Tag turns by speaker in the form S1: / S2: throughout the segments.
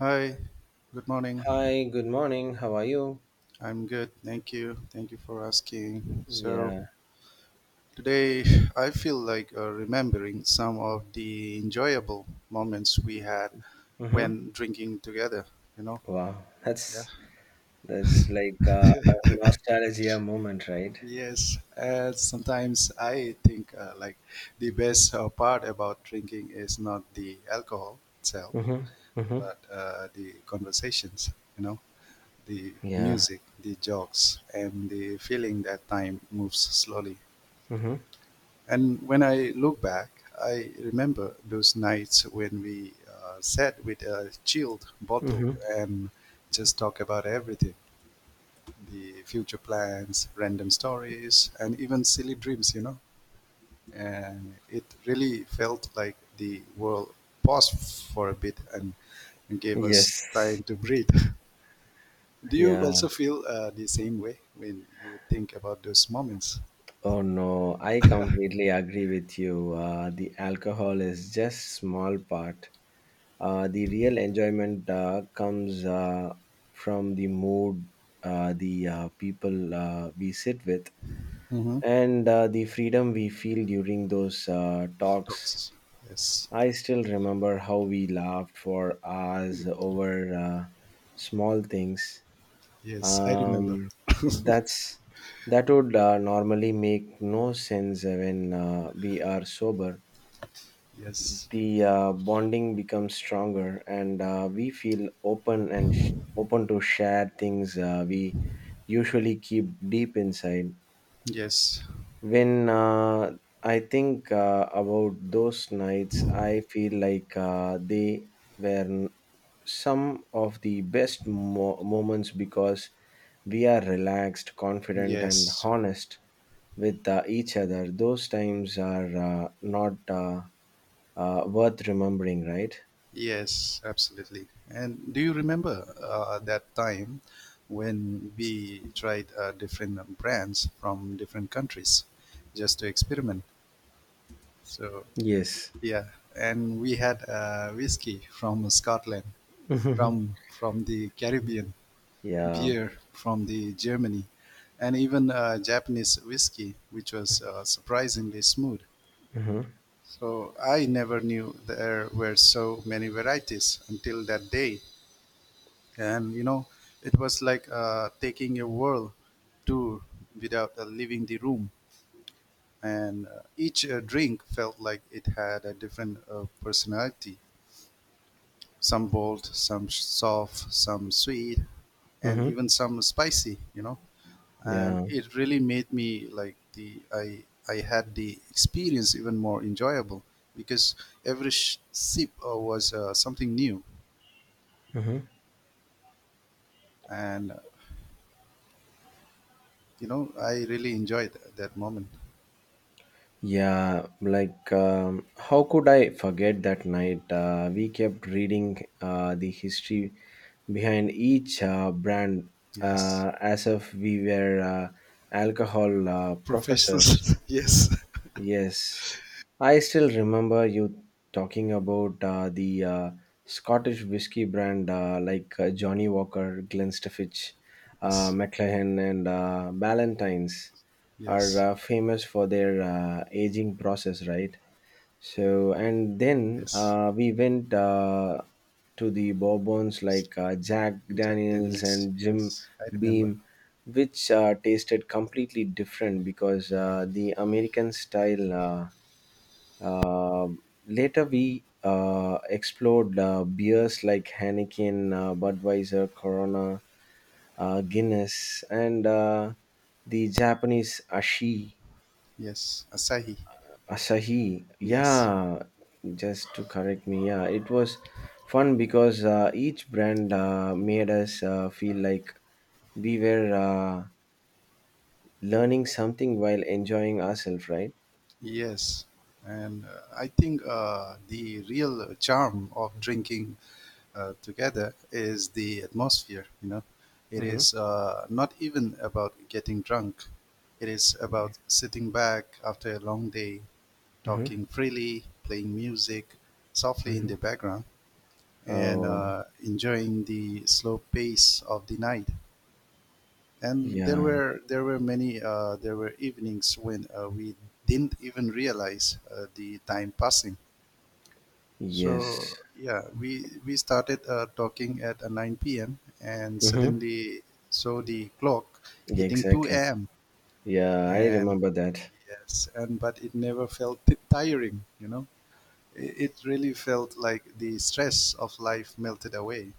S1: Hi, good morning.
S2: Hi, good morning. How are you?
S1: I'm good, thank you. Thank you for asking. So,
S2: Yeah.
S1: today I feel like remembering some of the enjoyable moments we had
S2: Mm-hmm.
S1: when drinking together, you know?
S2: Wow,
S1: Yeah.
S2: that's like a nostalgia moment, right?
S1: Yes, and sometimes I think like the best part about drinking is not the alcohol itself,
S2: Mm-hmm. Mm-hmm.
S1: but the conversations, you know? The
S2: Yeah.
S1: music, the jokes, and the feeling that time moves slowly.
S2: Mm-hmm.
S1: And when I look back, I remember those nights when we sat with a chilled bottle
S2: Mm-hmm.
S1: and just talk about everything, the future plans, random stories, and even silly dreams. And it really felt like the world paused for a bit and gave us
S2: Yes.
S1: time to breathe. Do you
S2: Yeah.
S1: also feel the same way when you think about those moments?
S2: Oh no, I completely agree with you. The alcohol is just small part. The real enjoyment comes from the mood, the people we sit with,
S1: Mm-hmm.
S2: and the freedom we feel during those talks.
S1: Talks. Yes,
S2: I still remember how we laughed for hours over small things.
S1: yes, I remember.
S2: Um, that's that would normally make no sense when we are sober.
S1: Yes,
S2: The bonding becomes stronger, and we feel open and open to share things we usually keep deep inside.
S1: yes,
S2: When I think about those nights, I feel like they were some of the best moments because we are relaxed, confident, and
S1: yes,
S2: honest with each other. Those times are not worth remembering, right?
S1: yes, absolutely. And do you remember that time when we tried different brands from different countries just to experiment? So
S2: Yes.
S1: yeah, and we had whiskey from Scotland, from the Caribbean.
S2: Yeah.
S1: Beer from the Germany, and even Japanese whiskey, which was surprisingly smooth.
S2: Hmm.
S1: So I never knew there were so many varieties until that day, and it was like taking a world tour without leaving the room. And each drink felt like it had a different personality, some bold, some soft, some sweet, and
S2: Hmm.
S1: even some spicy. And
S2: Yeah.
S1: it really made me like the I had the experience even more enjoyable because every sip was something new, and I really enjoyed that moment.
S2: Yeah, like how could I forget that night? We kept reading the history behind each brand
S1: Yes.
S2: as if we were alcohol professors.
S1: Professionals. Yes.
S2: Yes, I still remember you talking about the Scottish whiskey brand like Johnny Walker, Glenstafich,
S1: Yes.
S2: McLaren, and Ballantine's are
S1: Yes.
S2: famous for their aging process, right? So, and then
S1: Yes.
S2: we went to the Bourbons like Jack
S1: Jack
S2: Daniels
S1: Daniels.
S2: and
S1: Yes,
S2: Jim
S1: I remember.
S2: Beam, which tasted completely different because the American style. Uh, later, we explored beers like Heineken, Budweiser, Corona, Guinness, and the Japanese ashi
S1: Yes. Asahi.
S2: Asahi,
S1: Yes.
S2: yeah, just to correct me, yeah, it was fun because each brand made us feel like we were learning something while enjoying ourselves, right?
S1: Yes. And I think the real charm of drinking together is the atmosphere. It
S2: Mm-hmm.
S1: is not even about getting drunk. It is about sitting back after a long day,
S2: Mm-hmm.
S1: talking freely, playing music softly in
S2: Hmm.
S1: the background, and
S2: Oh,
S1: enjoying the slow pace of the night. And
S2: yeah,
S1: there were evenings when we didn't even realize the time passing.
S2: yes.
S1: So yeah, we started talking at 9 p.m. and
S2: Mm-hmm.
S1: suddenly saw the clock hitting 2
S2: Exactly.
S1: a.m.
S2: Yeah, I
S1: And
S2: remember that.
S1: yes, and but it never felt tiring. It really felt like the stress of life melted away.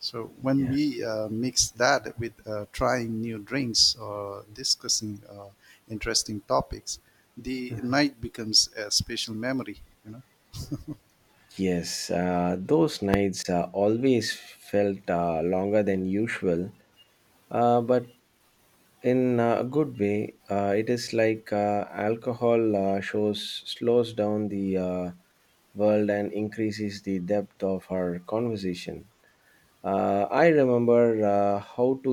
S1: So when
S2: Yeah.
S1: we mix that with trying new drinks or discussing interesting topics, the night becomes a special memory. You know.
S2: Yes, those nights always felt longer than usual, but in a good way. It is like alcohol shows slows down the world and increases the depth of our conversation. I remember how to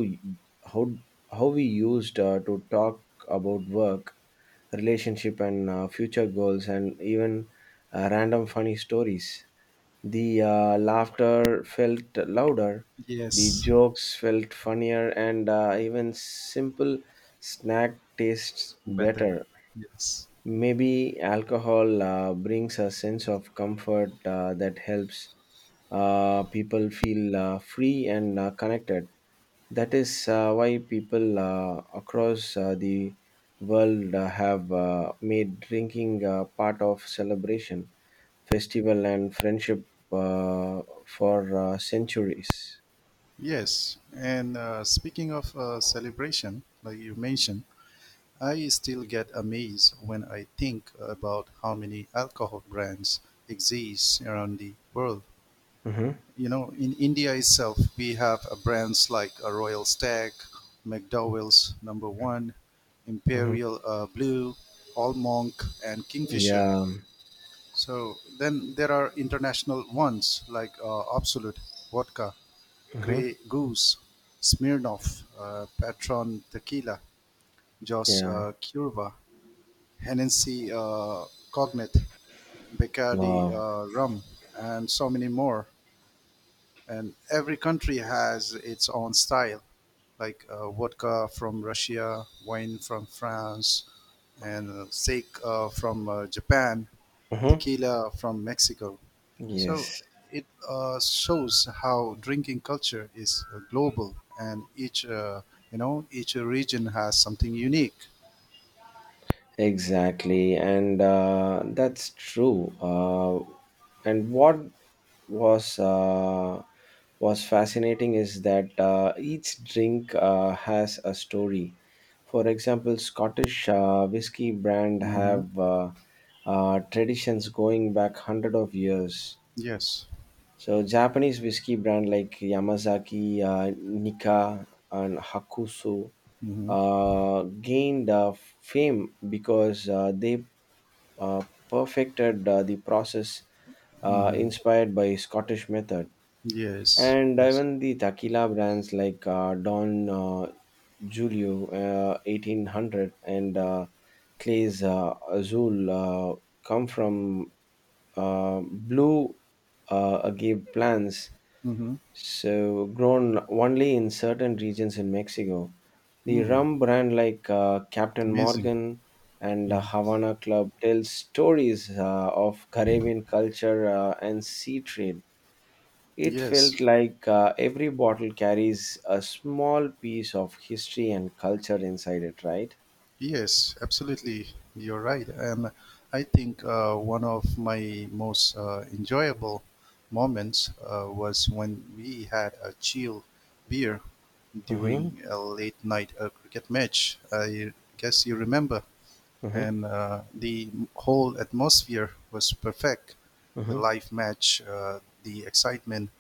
S2: how how we used to talk about work, relationship, and future goals, and even random funny stories. The laughter felt louder, the
S1: Yes,
S2: jokes felt funnier, and even simple snack tastes
S1: better.
S2: better.
S1: Yes.
S2: Maybe alcohol brings a sense of comfort that helps people feel free and connected. That is why people across the world have made drinking part of celebration, festival, and friendship for centuries.
S1: Yes, and speaking of celebration, like you mentioned, I still get amazed when I think about how many alcohol brands exist around the world.
S2: Mm-hmm.
S1: In India itself, we have brands like Royal Stag, McDowell's Number One,
S2: Mm-hmm.
S1: Imperial Blue, All Monk, and Kingfisher.
S2: Yeah.
S1: So then there are international ones like Absolute Vodka,
S2: Mm-hmm.
S1: Grey Goose, Smirnoff, Patron Tequila, Jos
S2: Yeah.
S1: Curva, Hennessy Cognac, Bacardi
S2: Wow.
S1: Rum, and so many more. And every country has its own style, like vodka from Russia, wine from France, and steak from Japan,
S2: Mm-hmm.
S1: tequila from Mexico. So
S2: Yes.
S1: it shows how drinking culture is global, and each each region has something unique.
S2: Exactly, and that's true. And what was uh, was fascinating is that each drink has a story. For example, Scottish whiskey brand
S1: Hmm.
S2: have traditions going back hundred of years.
S1: Yes.
S2: So Japanese whiskey brand like Yamazaki, Nika, and Hakusu
S1: Hmm.
S2: gained fame because they uh, perfected the process
S1: Hmm.
S2: inspired by Scottish method.
S1: Yes.
S2: And
S1: Yes.
S2: even the tequila brands like Don Julio 1800 and Clay's Azul come from blue agave plants
S1: Hmm.
S2: so grown only in certain regions in Mexico. The
S1: Mm.
S2: rum brand like Captain
S1: Amazing.
S2: Morgan and
S1: Hmm.
S2: Havana Club tells stories of Caribbean culture and sea trade. It
S1: Yes.
S2: felt like every bottle carries a small piece of history and culture inside it, right?
S1: Yes, absolutely. You're right. And I think one of my most enjoyable moments was when we had a chill beer
S2: Mm-hmm,
S1: during a late night cricket match. I guess you remember.
S2: mm-hmm,
S1: And the whole atmosphere was perfect. The
S2: mm-hmm,
S1: live match, the excitement,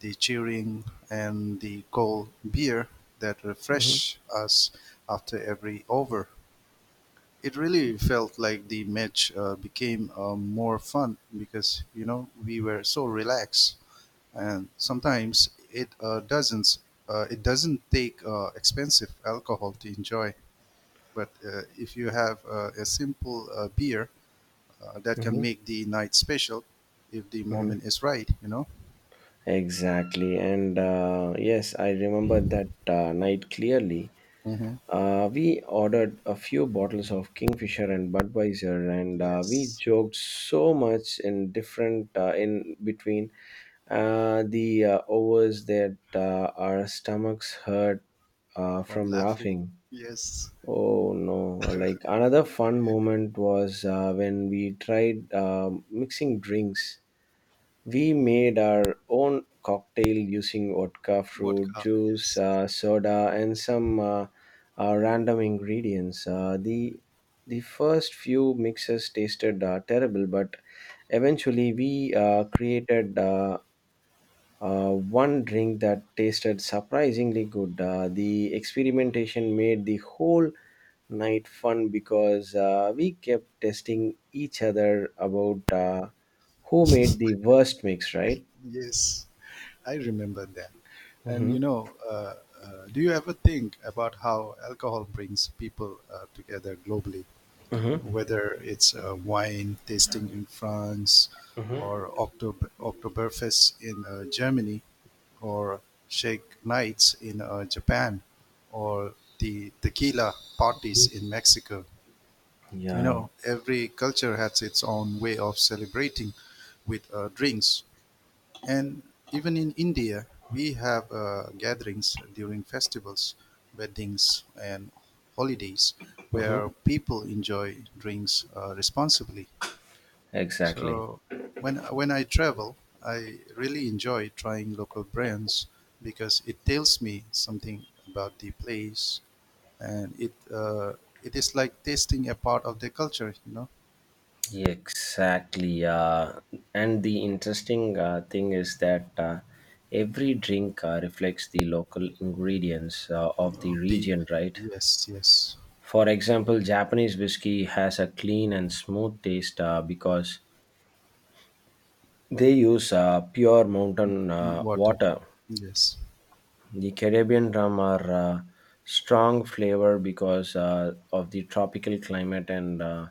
S1: the cheering, and the cold beer that
S2: mm-hmm,
S1: refreshed us after every over. It really felt like the match became more fun because we were so relaxed, and sometimes it doesn't take expensive alcohol to enjoy. But if you have a simple beer, that can
S2: mm-hmm,
S1: make the night special if the
S2: mm-hmm.
S1: moment is right. You know.
S2: Exactly. And yes, I remember that night clearly.
S1: Hmm.
S2: We ordered a few bottles of Kingfisher and Budweiser, and we
S1: Yes,
S2: joked so much in different in between the overs that our stomachs hurt
S1: from
S2: from
S1: laughing.
S2: laughing.
S1: Yes,
S2: Oh no! Like another fun moment was when we tried mixing drinks. We made our own cocktail using vodka, fruit
S1: vodka.
S2: juice,
S1: Yes.
S2: soda, and some random ingredients. The first few mixes tasted terrible, but eventually we created one drink that tasted surprisingly good. The experimentation made the whole night fun because we kept testing each other about who made the worst mix, right?
S1: Yes, I remember that. And
S2: Mm-hmm.
S1: do you ever think about how alcohol brings people together globally?
S2: Mm-hmm.
S1: Whether it's wine tasting in France, or
S2: Mm-hmm.
S1: October Oktoberfest in Germany, or shake nights in Japan, or the tequila parties in Mexico. You
S2: Yeah.
S1: know, every culture has its own way of celebrating with drinks, and even in India, we have gatherings during festivals, weddings, and holidays
S2: Mm-hmm.
S1: where people enjoy drinks responsibly.
S2: Exactly.
S1: So when I travel, I really enjoy trying local brands because it tells me something about the place, and it is like tasting a part of the culture. You know.
S2: Yeah, exactly. And the interesting thing is that every drink reflects the local ingredients of the
S1: Of the.
S2: region, right?
S1: Yes, yes,
S2: For example, Japanese whiskey has a clean and smooth taste because they use pure mountain
S1: water,
S2: water.
S1: yes.
S2: The Caribbean rum are strong flavor because of the tropical climate and uh,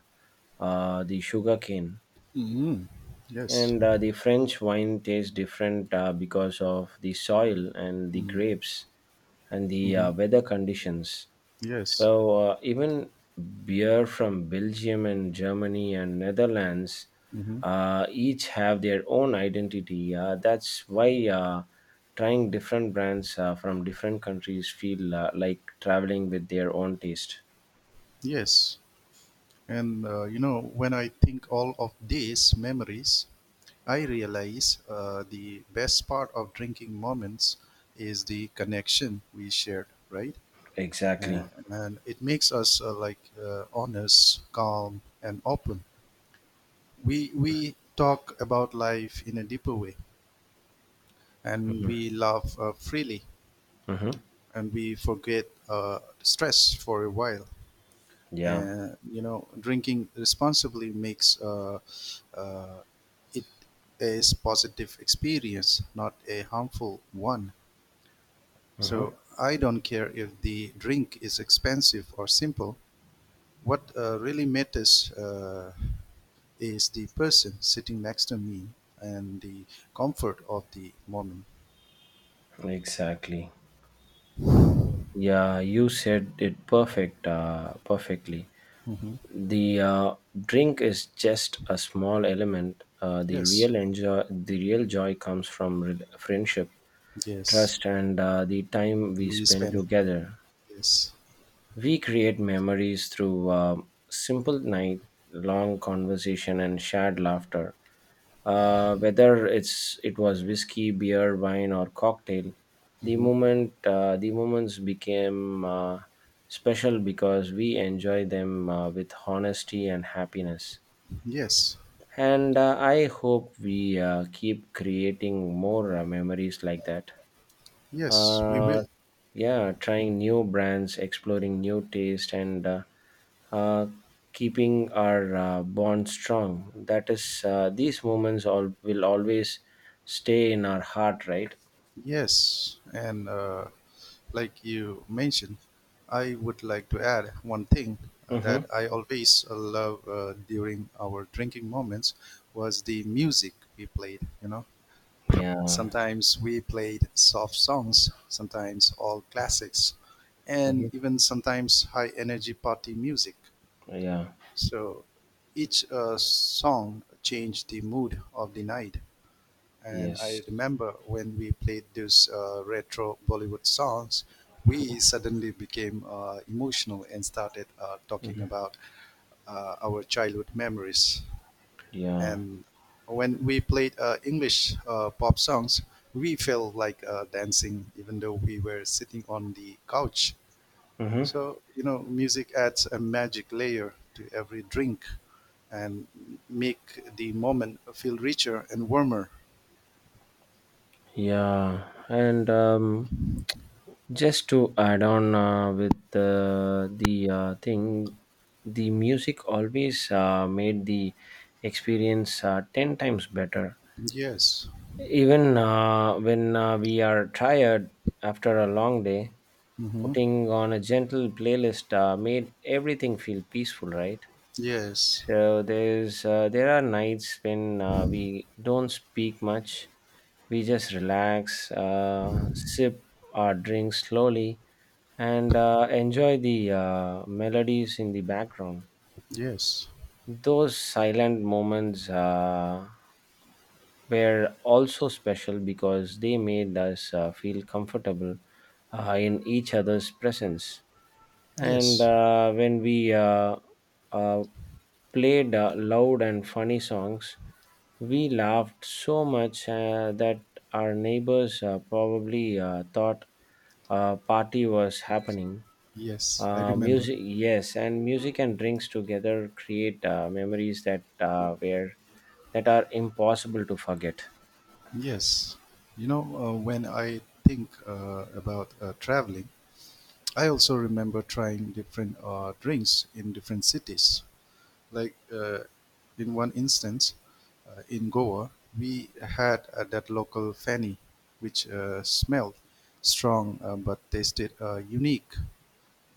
S2: uh, the sugar cane.
S1: Mm, yes.
S2: And the French wine tastes different because of the soil and the grapes and the
S1: Mm-hmm.
S2: weather conditions.
S1: Yes.
S2: So even beer from Belgium and Germany and Netherlands
S1: Mm-hmm.
S2: each have their own identity. That's why trying different brands from different countries feel like traveling with their own taste.
S1: Yes. And when I think all of these memories, I realize the best part of drinking moments is the connection we shared, right?
S2: Exactly.
S1: Uh, and it makes us like honest, calm, and open. We talk about life in a deeper way, and
S2: Hmm.
S1: we laugh freely,
S2: Hmm.
S1: and we forget stress for a while.
S2: Yeah.
S1: And drinking responsibly makes uh, it a positive experience, not a harmful one.
S2: Hmm.
S1: So I don't care if the drink is expensive or simple. What really matters is the person sitting next to me and the comfort of the moment.
S2: Exactly. Yeah, you said it perfectly.
S1: Hmm.
S2: The drink is just a small element. uh, the
S1: Yes,
S2: real enjoy the real joy comes from friendship,
S1: yes,
S2: trust, and the time we
S1: we
S2: spend
S1: spend.
S2: together.
S1: Yes.
S2: We create memories through a simple night, long conversation, and shared laughter. Whether it was whiskey, beer, wine, or cocktail, the
S1: Hmm.
S2: moment uh, the moments became special because we enjoy them with honesty and happiness.
S1: Yes,
S2: And I hope we keep creating more memories like that.
S1: yes, we
S2: Uh,
S1: will.
S2: yeah, trying new brands, exploring new taste, and uh, keeping our bond strong. That is, these moments all will always stay in our heart, right?
S1: Yes, and like you mentioned, I would like to add one thing
S2: Mm-hmm.
S1: that I always love during our drinking moments was the music we played. You know,
S2: Yeah.
S1: sometimes we played soft songs, sometimes all classics,
S2: Hmm.
S1: and even sometimes high energy party music.
S2: Yeah.
S1: So each song changed the mood of the night, and
S2: Yes.
S1: I remember when we played those retro Bollywood songs, we suddenly became emotional and started talking
S2: Hmm.
S1: about our childhood memories.
S2: Yeah.
S1: And when we played English pop songs, we felt like dancing, even though we were sitting on the couch.
S2: Hmm.
S1: So, music adds a magic layer to every drink and make the moment feel richer and warmer.
S2: Yeah. And just to add on with the thing, the music always made the experience 10 times better.
S1: Yes.
S2: Even when we are tired after a long day,
S1: Mm-hmm.
S2: putting on a gentle playlist made everything feel peaceful, right?
S1: Yes,
S2: So there are nights when we don't speak much. We just relax, sip our drinks slowly, and enjoy the melodies in the background.
S1: yes,
S2: Those silent moments were also special because they made us feel comfortable in each other's presence. And
S1: yes,
S2: when we uh, played loud and funny songs, we laughed so much that our neighbors probably thought a party was happening.
S1: yes. I remember.
S2: Music, yes, and music and drinks together create memories that were that are impossible to forget.
S1: Yes. When I think about traveling, I also remember trying different drinks in different cities. Like in one instance, in Goa, we had that local fanny, which smelled strong but tasted unique.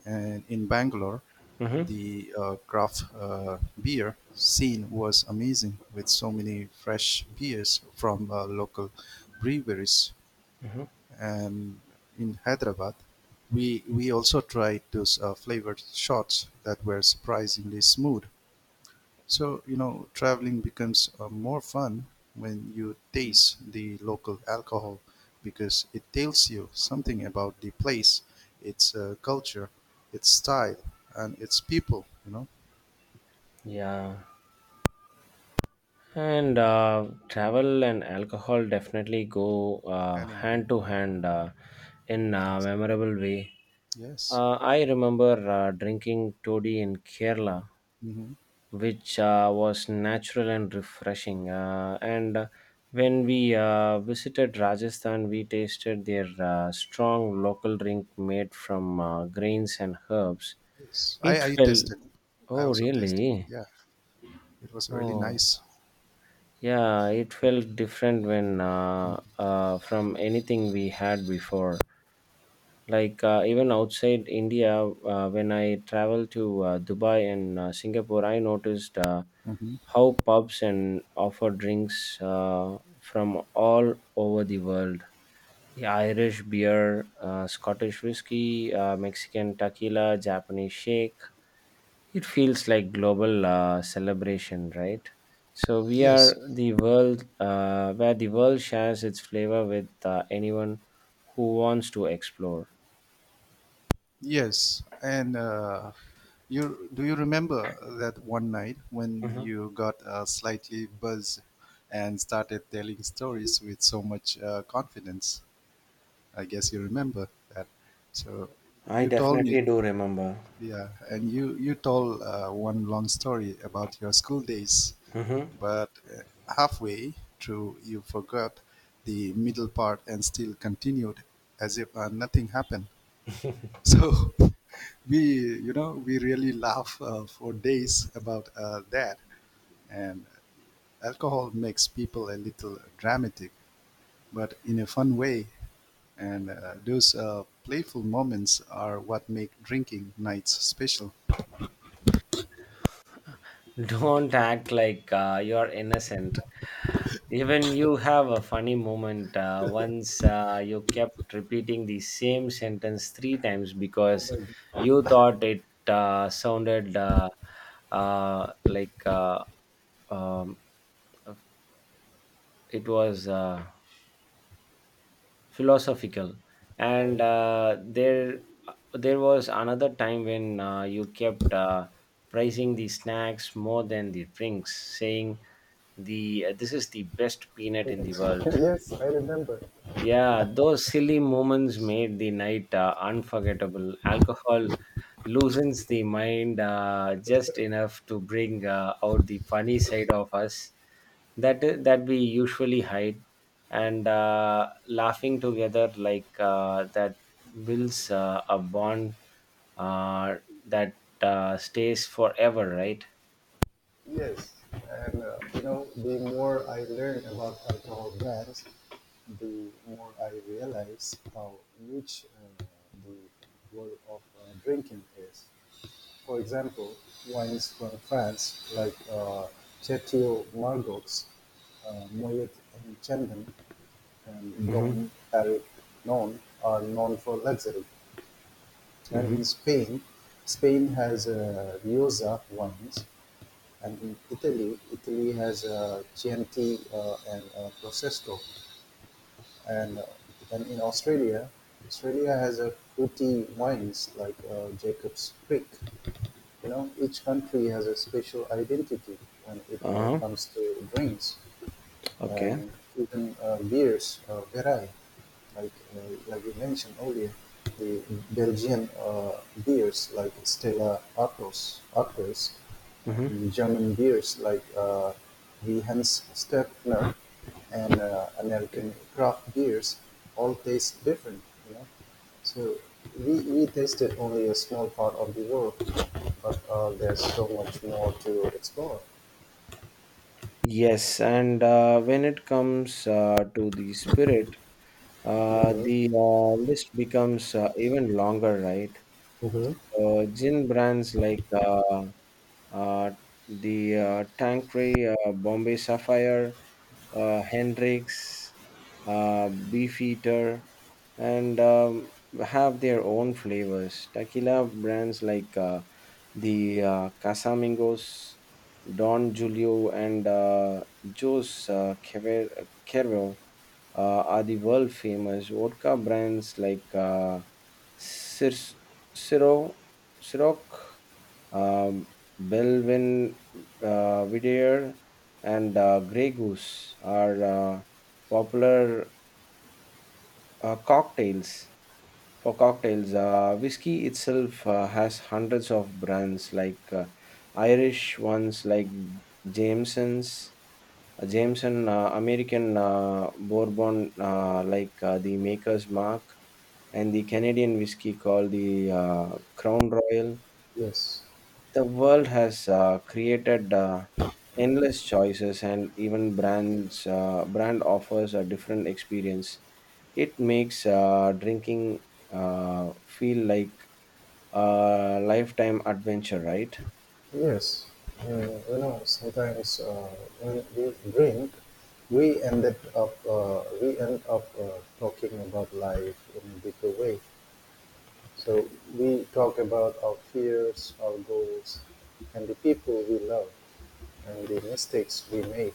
S1: And in Bangalore,
S2: Mm-hmm.
S1: the craft beer scene was amazing, with so many fresh beers from local breweries.
S2: Mm-hmm.
S1: And in Hyderabad, we also tried those flavored shots that were surprisingly smooth. So, traveling becomes more fun when you taste the local alcohol, because it tells you something about the place, its culture, its style, and its people.
S2: Yeah. And travel and alcohol definitely go
S1: And anything.
S2: hand to hand in a
S1: Yes.
S2: memorable way.
S1: Yes.
S2: I remember drinking toddy in Kerala,
S1: Hmm.
S2: which was natural and refreshing. And when we visited Rajasthan, we tasted their strong local drink made from grains and herbs.
S1: Yes. I,
S2: It
S1: I
S2: felt,
S1: tested. I
S2: oh,
S1: also tested.
S2: really?
S1: Yeah. It was really
S2: Oh.
S1: nice.
S2: Yeah, it felt different when from anything we had before. Like even outside India, when I traveled to Dubai and Singapore, I noticed
S1: Hmm.
S2: how pubs and offer drinks from all over the world. The Irish beer, Scottish whiskey, Mexican tequila, Japanese shake. It feels like global celebration, right? So we are
S1: Yes.
S2: the world, where the world shares its flavor with anyone who wants to explore.
S1: Yes, and you do you remember that one night when
S2: Mhm.
S1: you got slightly buzzed and started telling stories with so much confidence? I guess you remember that. So
S2: I
S1: you told me,
S2: definitely do remember.
S1: yeah, and you told one long story about your school days,
S2: Hmm.
S1: but halfway through you forgot the middle part and still continued as if nothing happened. So we really laugh for days about that. And alcohol makes people a little dramatic, but in a fun way. And those playful moments are what make drinking nights special.
S2: Don't act like you're innocent. Even you have a funny moment. Once you kept repeating the same sentence three times because you thought it sounded uh, like um, it was philosophical. And there was another time when you kept praising the snacks more than the drinks, saying, the this is the best peanut in the world. Yeah, those silly moments made the night unforgettable. Alcohol loosens the mind just enough to bring out the funny side of us that we usually hide, and laughing together like that builds a bond uh, that stays forever, right?
S1: Yes, and the more I learn about alcohol brands, the more I realize how huge uh, the world of drinking is. For example, wines from France like Chateau Margaux, Moët and Chandon, and
S2: Mm-hmm.
S1: Dom Perignon known are known for luxury. And
S2: Mm-hmm.
S1: in Spain, Spain has Rioja wines, and in Italy, Italy has Chianti and Prosecco, and and in Australia, Australia has a fruity wines like Jacob's Creek. Each country has a special identity when it
S2: Uh-huh.
S1: comes to drinks.
S2: Okay.
S1: And even beers vary, like like you mentioned earlier, the Belgian beers like Stella Artois,
S2: Mm-hmm.
S1: and German beers like the Hans Stepner, and American craft beers all taste different. you know so we tasted only a small part of the world, but there's so much more to explore.
S2: Yes, and when it comes to the spirit, uh,
S1: Mm-hmm.
S2: the uh, list becomes even longer, right?
S1: Mm-hmm.
S2: Gin brands like uh, the Tanqueray, Bombay Sapphire, Hendrix, Beefeater, and have their own flavors. Tequila brands like the Casamigos, Don Julio, and Jos Quervo are the world famous. Vodka brands like Cir- Ciro, Ciroc, um, Belvin Vidier, and Grey Goose are popular uh, cocktails cocktails, whiskey itself has hundreds of brands, like Irish ones like Jameson's, Jameson, American Bourbon like the Maker's Mark, and the Canadian whiskey called the Crown Royal.
S1: Yes,
S2: The world has created endless choices, and even brand offers a different experience. It makes drinking feel like lifetime adventure, right?
S1: yes. Uh, you know, sometimes, when we drink, we end up talking about life in a bigger way. So we talk about our fears, our goals, and the people we love, and the mistakes we made.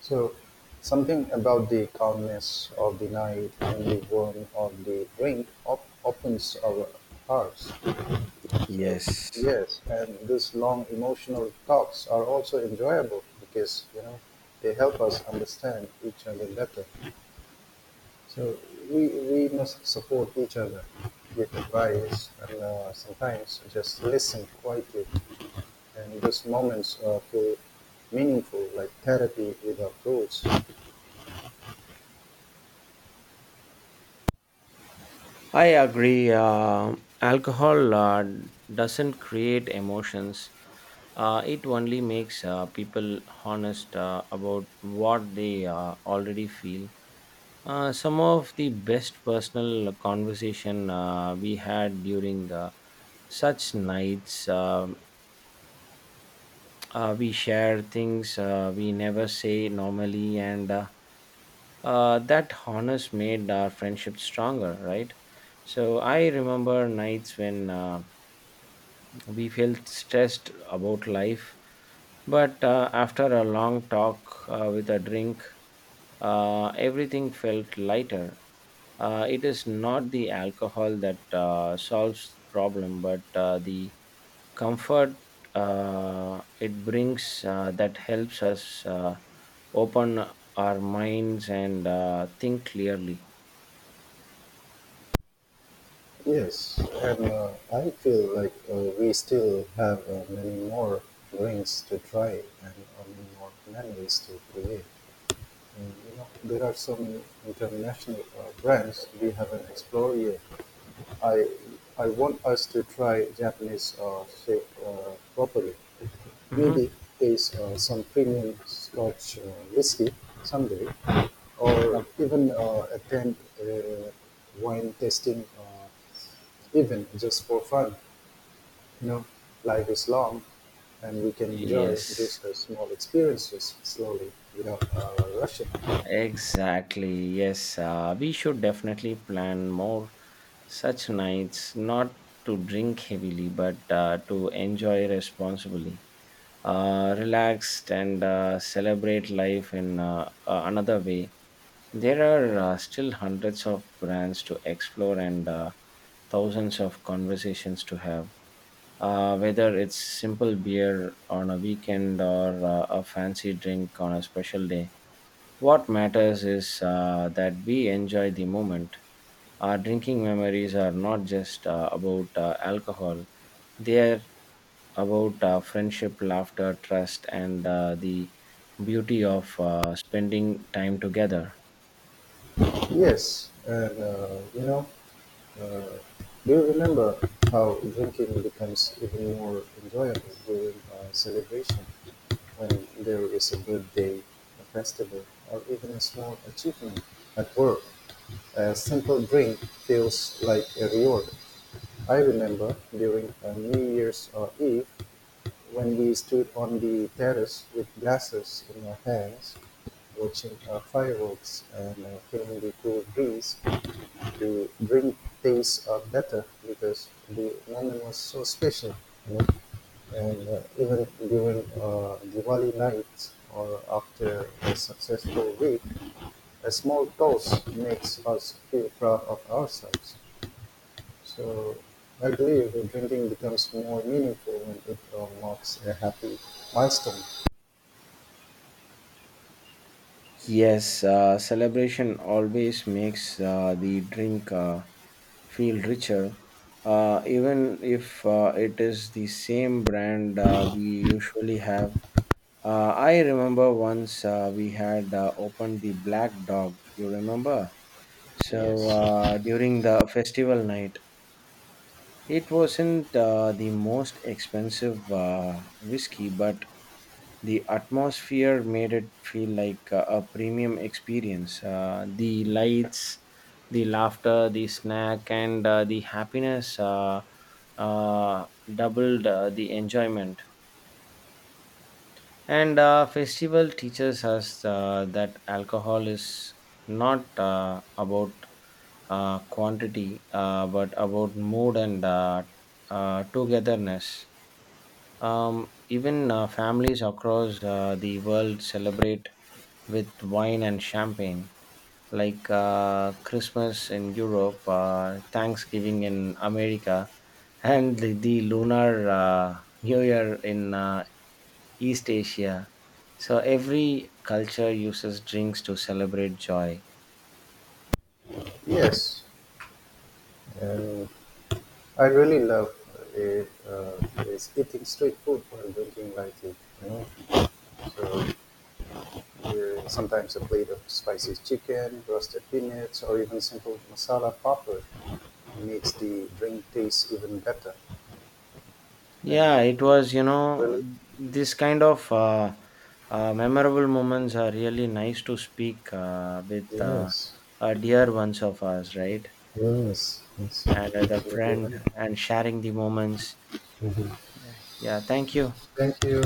S1: So, something about the calmness of the night and the warmth of the drink opens our hearts. So,
S2: Yes.
S1: yes, and these long emotional talks are also enjoyable because they help us understand each other better. So, we must support each other with advice and sometimes just listen quietly. And those moments feel meaningful, like therapy without rules.
S2: I agree. Alcohol doesn't create emotions. It only makes people honest about what they already feel. Some of the best personal conversation we had during such nights. We share things we never say normally, and that honors made our friendship stronger, right? So I remember nights when we felt stressed about life, but after a long talk with a drink, everything felt lighter. It is not the alcohol that solves problem, but the comfort it brings that helps us open our minds and think clearly.
S1: Yes, and I feel like we still have many more drinks to try and many more memories to create. And there are so many international brands we haven't explored yet. I I want us to try Japanese shape properly.
S2: Mhm.
S1: Maybe taste some premium Scotch whiskey someday, or
S2: Oh,
S1: even attend a wine tasting event just for fun. You know, life is long, and we can enjoy
S2: yes,
S1: these small experiences slowly without rushing.
S2: exactly, yes, we should definitely plan more such nights, not to drink heavily, but to enjoy responsibly, relaxed, and celebrate life in another way. There are still hundreds of brands to explore, and thousands of conversations to have. Whether it's simple beer on a weekend or a fancy drink on a special day, what matters is that we enjoy the moment. Our drinking memories are not just about alcohol, they are about friendship, laughter, trust, and the beauty of spending time together.
S1: Yes, and uh, do you remember how drinking becomes even more enjoyable during a celebration, when there is a birthday, a festival, or even a small achievement at work? A simple drink feels like a reward. I remember during a New Year's Eve, when we stood on the terrace with glasses in our hands, watching fireworks and feeling the cool breeze to drink things up better because the London was so special. You know? And even during Diwali night or after a successful week, a small toast makes us feel proud of ourselves. So I believe that drinking becomes more meaningful when it marks a happy milestone.
S2: Yes, celebration always makes the drink feel richer, even if it is the same brand we usually have. I remember once we had opened the Black Dog, you remember? So
S1: Yes,
S2: during the festival night. It wasn't the most expensive whiskey, but the atmosphere made it feel like a premium experience. The lights, the laughter, the snack, and the happiness uh, doubled the enjoyment. And festival teaches us that alcohol is not about quantity, but about mood and togetherness. Even families across the world celebrate with wine and champagne, like Christmas in Europe, Thanksgiving in America, and the lunar New Year in East Asia. So every culture uses drinks to celebrate joy.
S1: yes. And I really love it, is eating street food while drinking light tea. You know? So sometimes a plate of spicy chicken, roasted peanuts, or even simple masala popper makes the drink taste even better.
S2: Yeah,
S1: And
S2: it was,
S1: really,
S2: this kind of memorable moments are really nice to speak with
S1: yes,
S2: dear ones of us, right?
S1: yes, that's
S2: And the
S1: absolutely
S2: friend
S1: right.
S2: and sharing the moments.
S1: Mhm.
S2: Yeah, thank you.
S1: Thank you.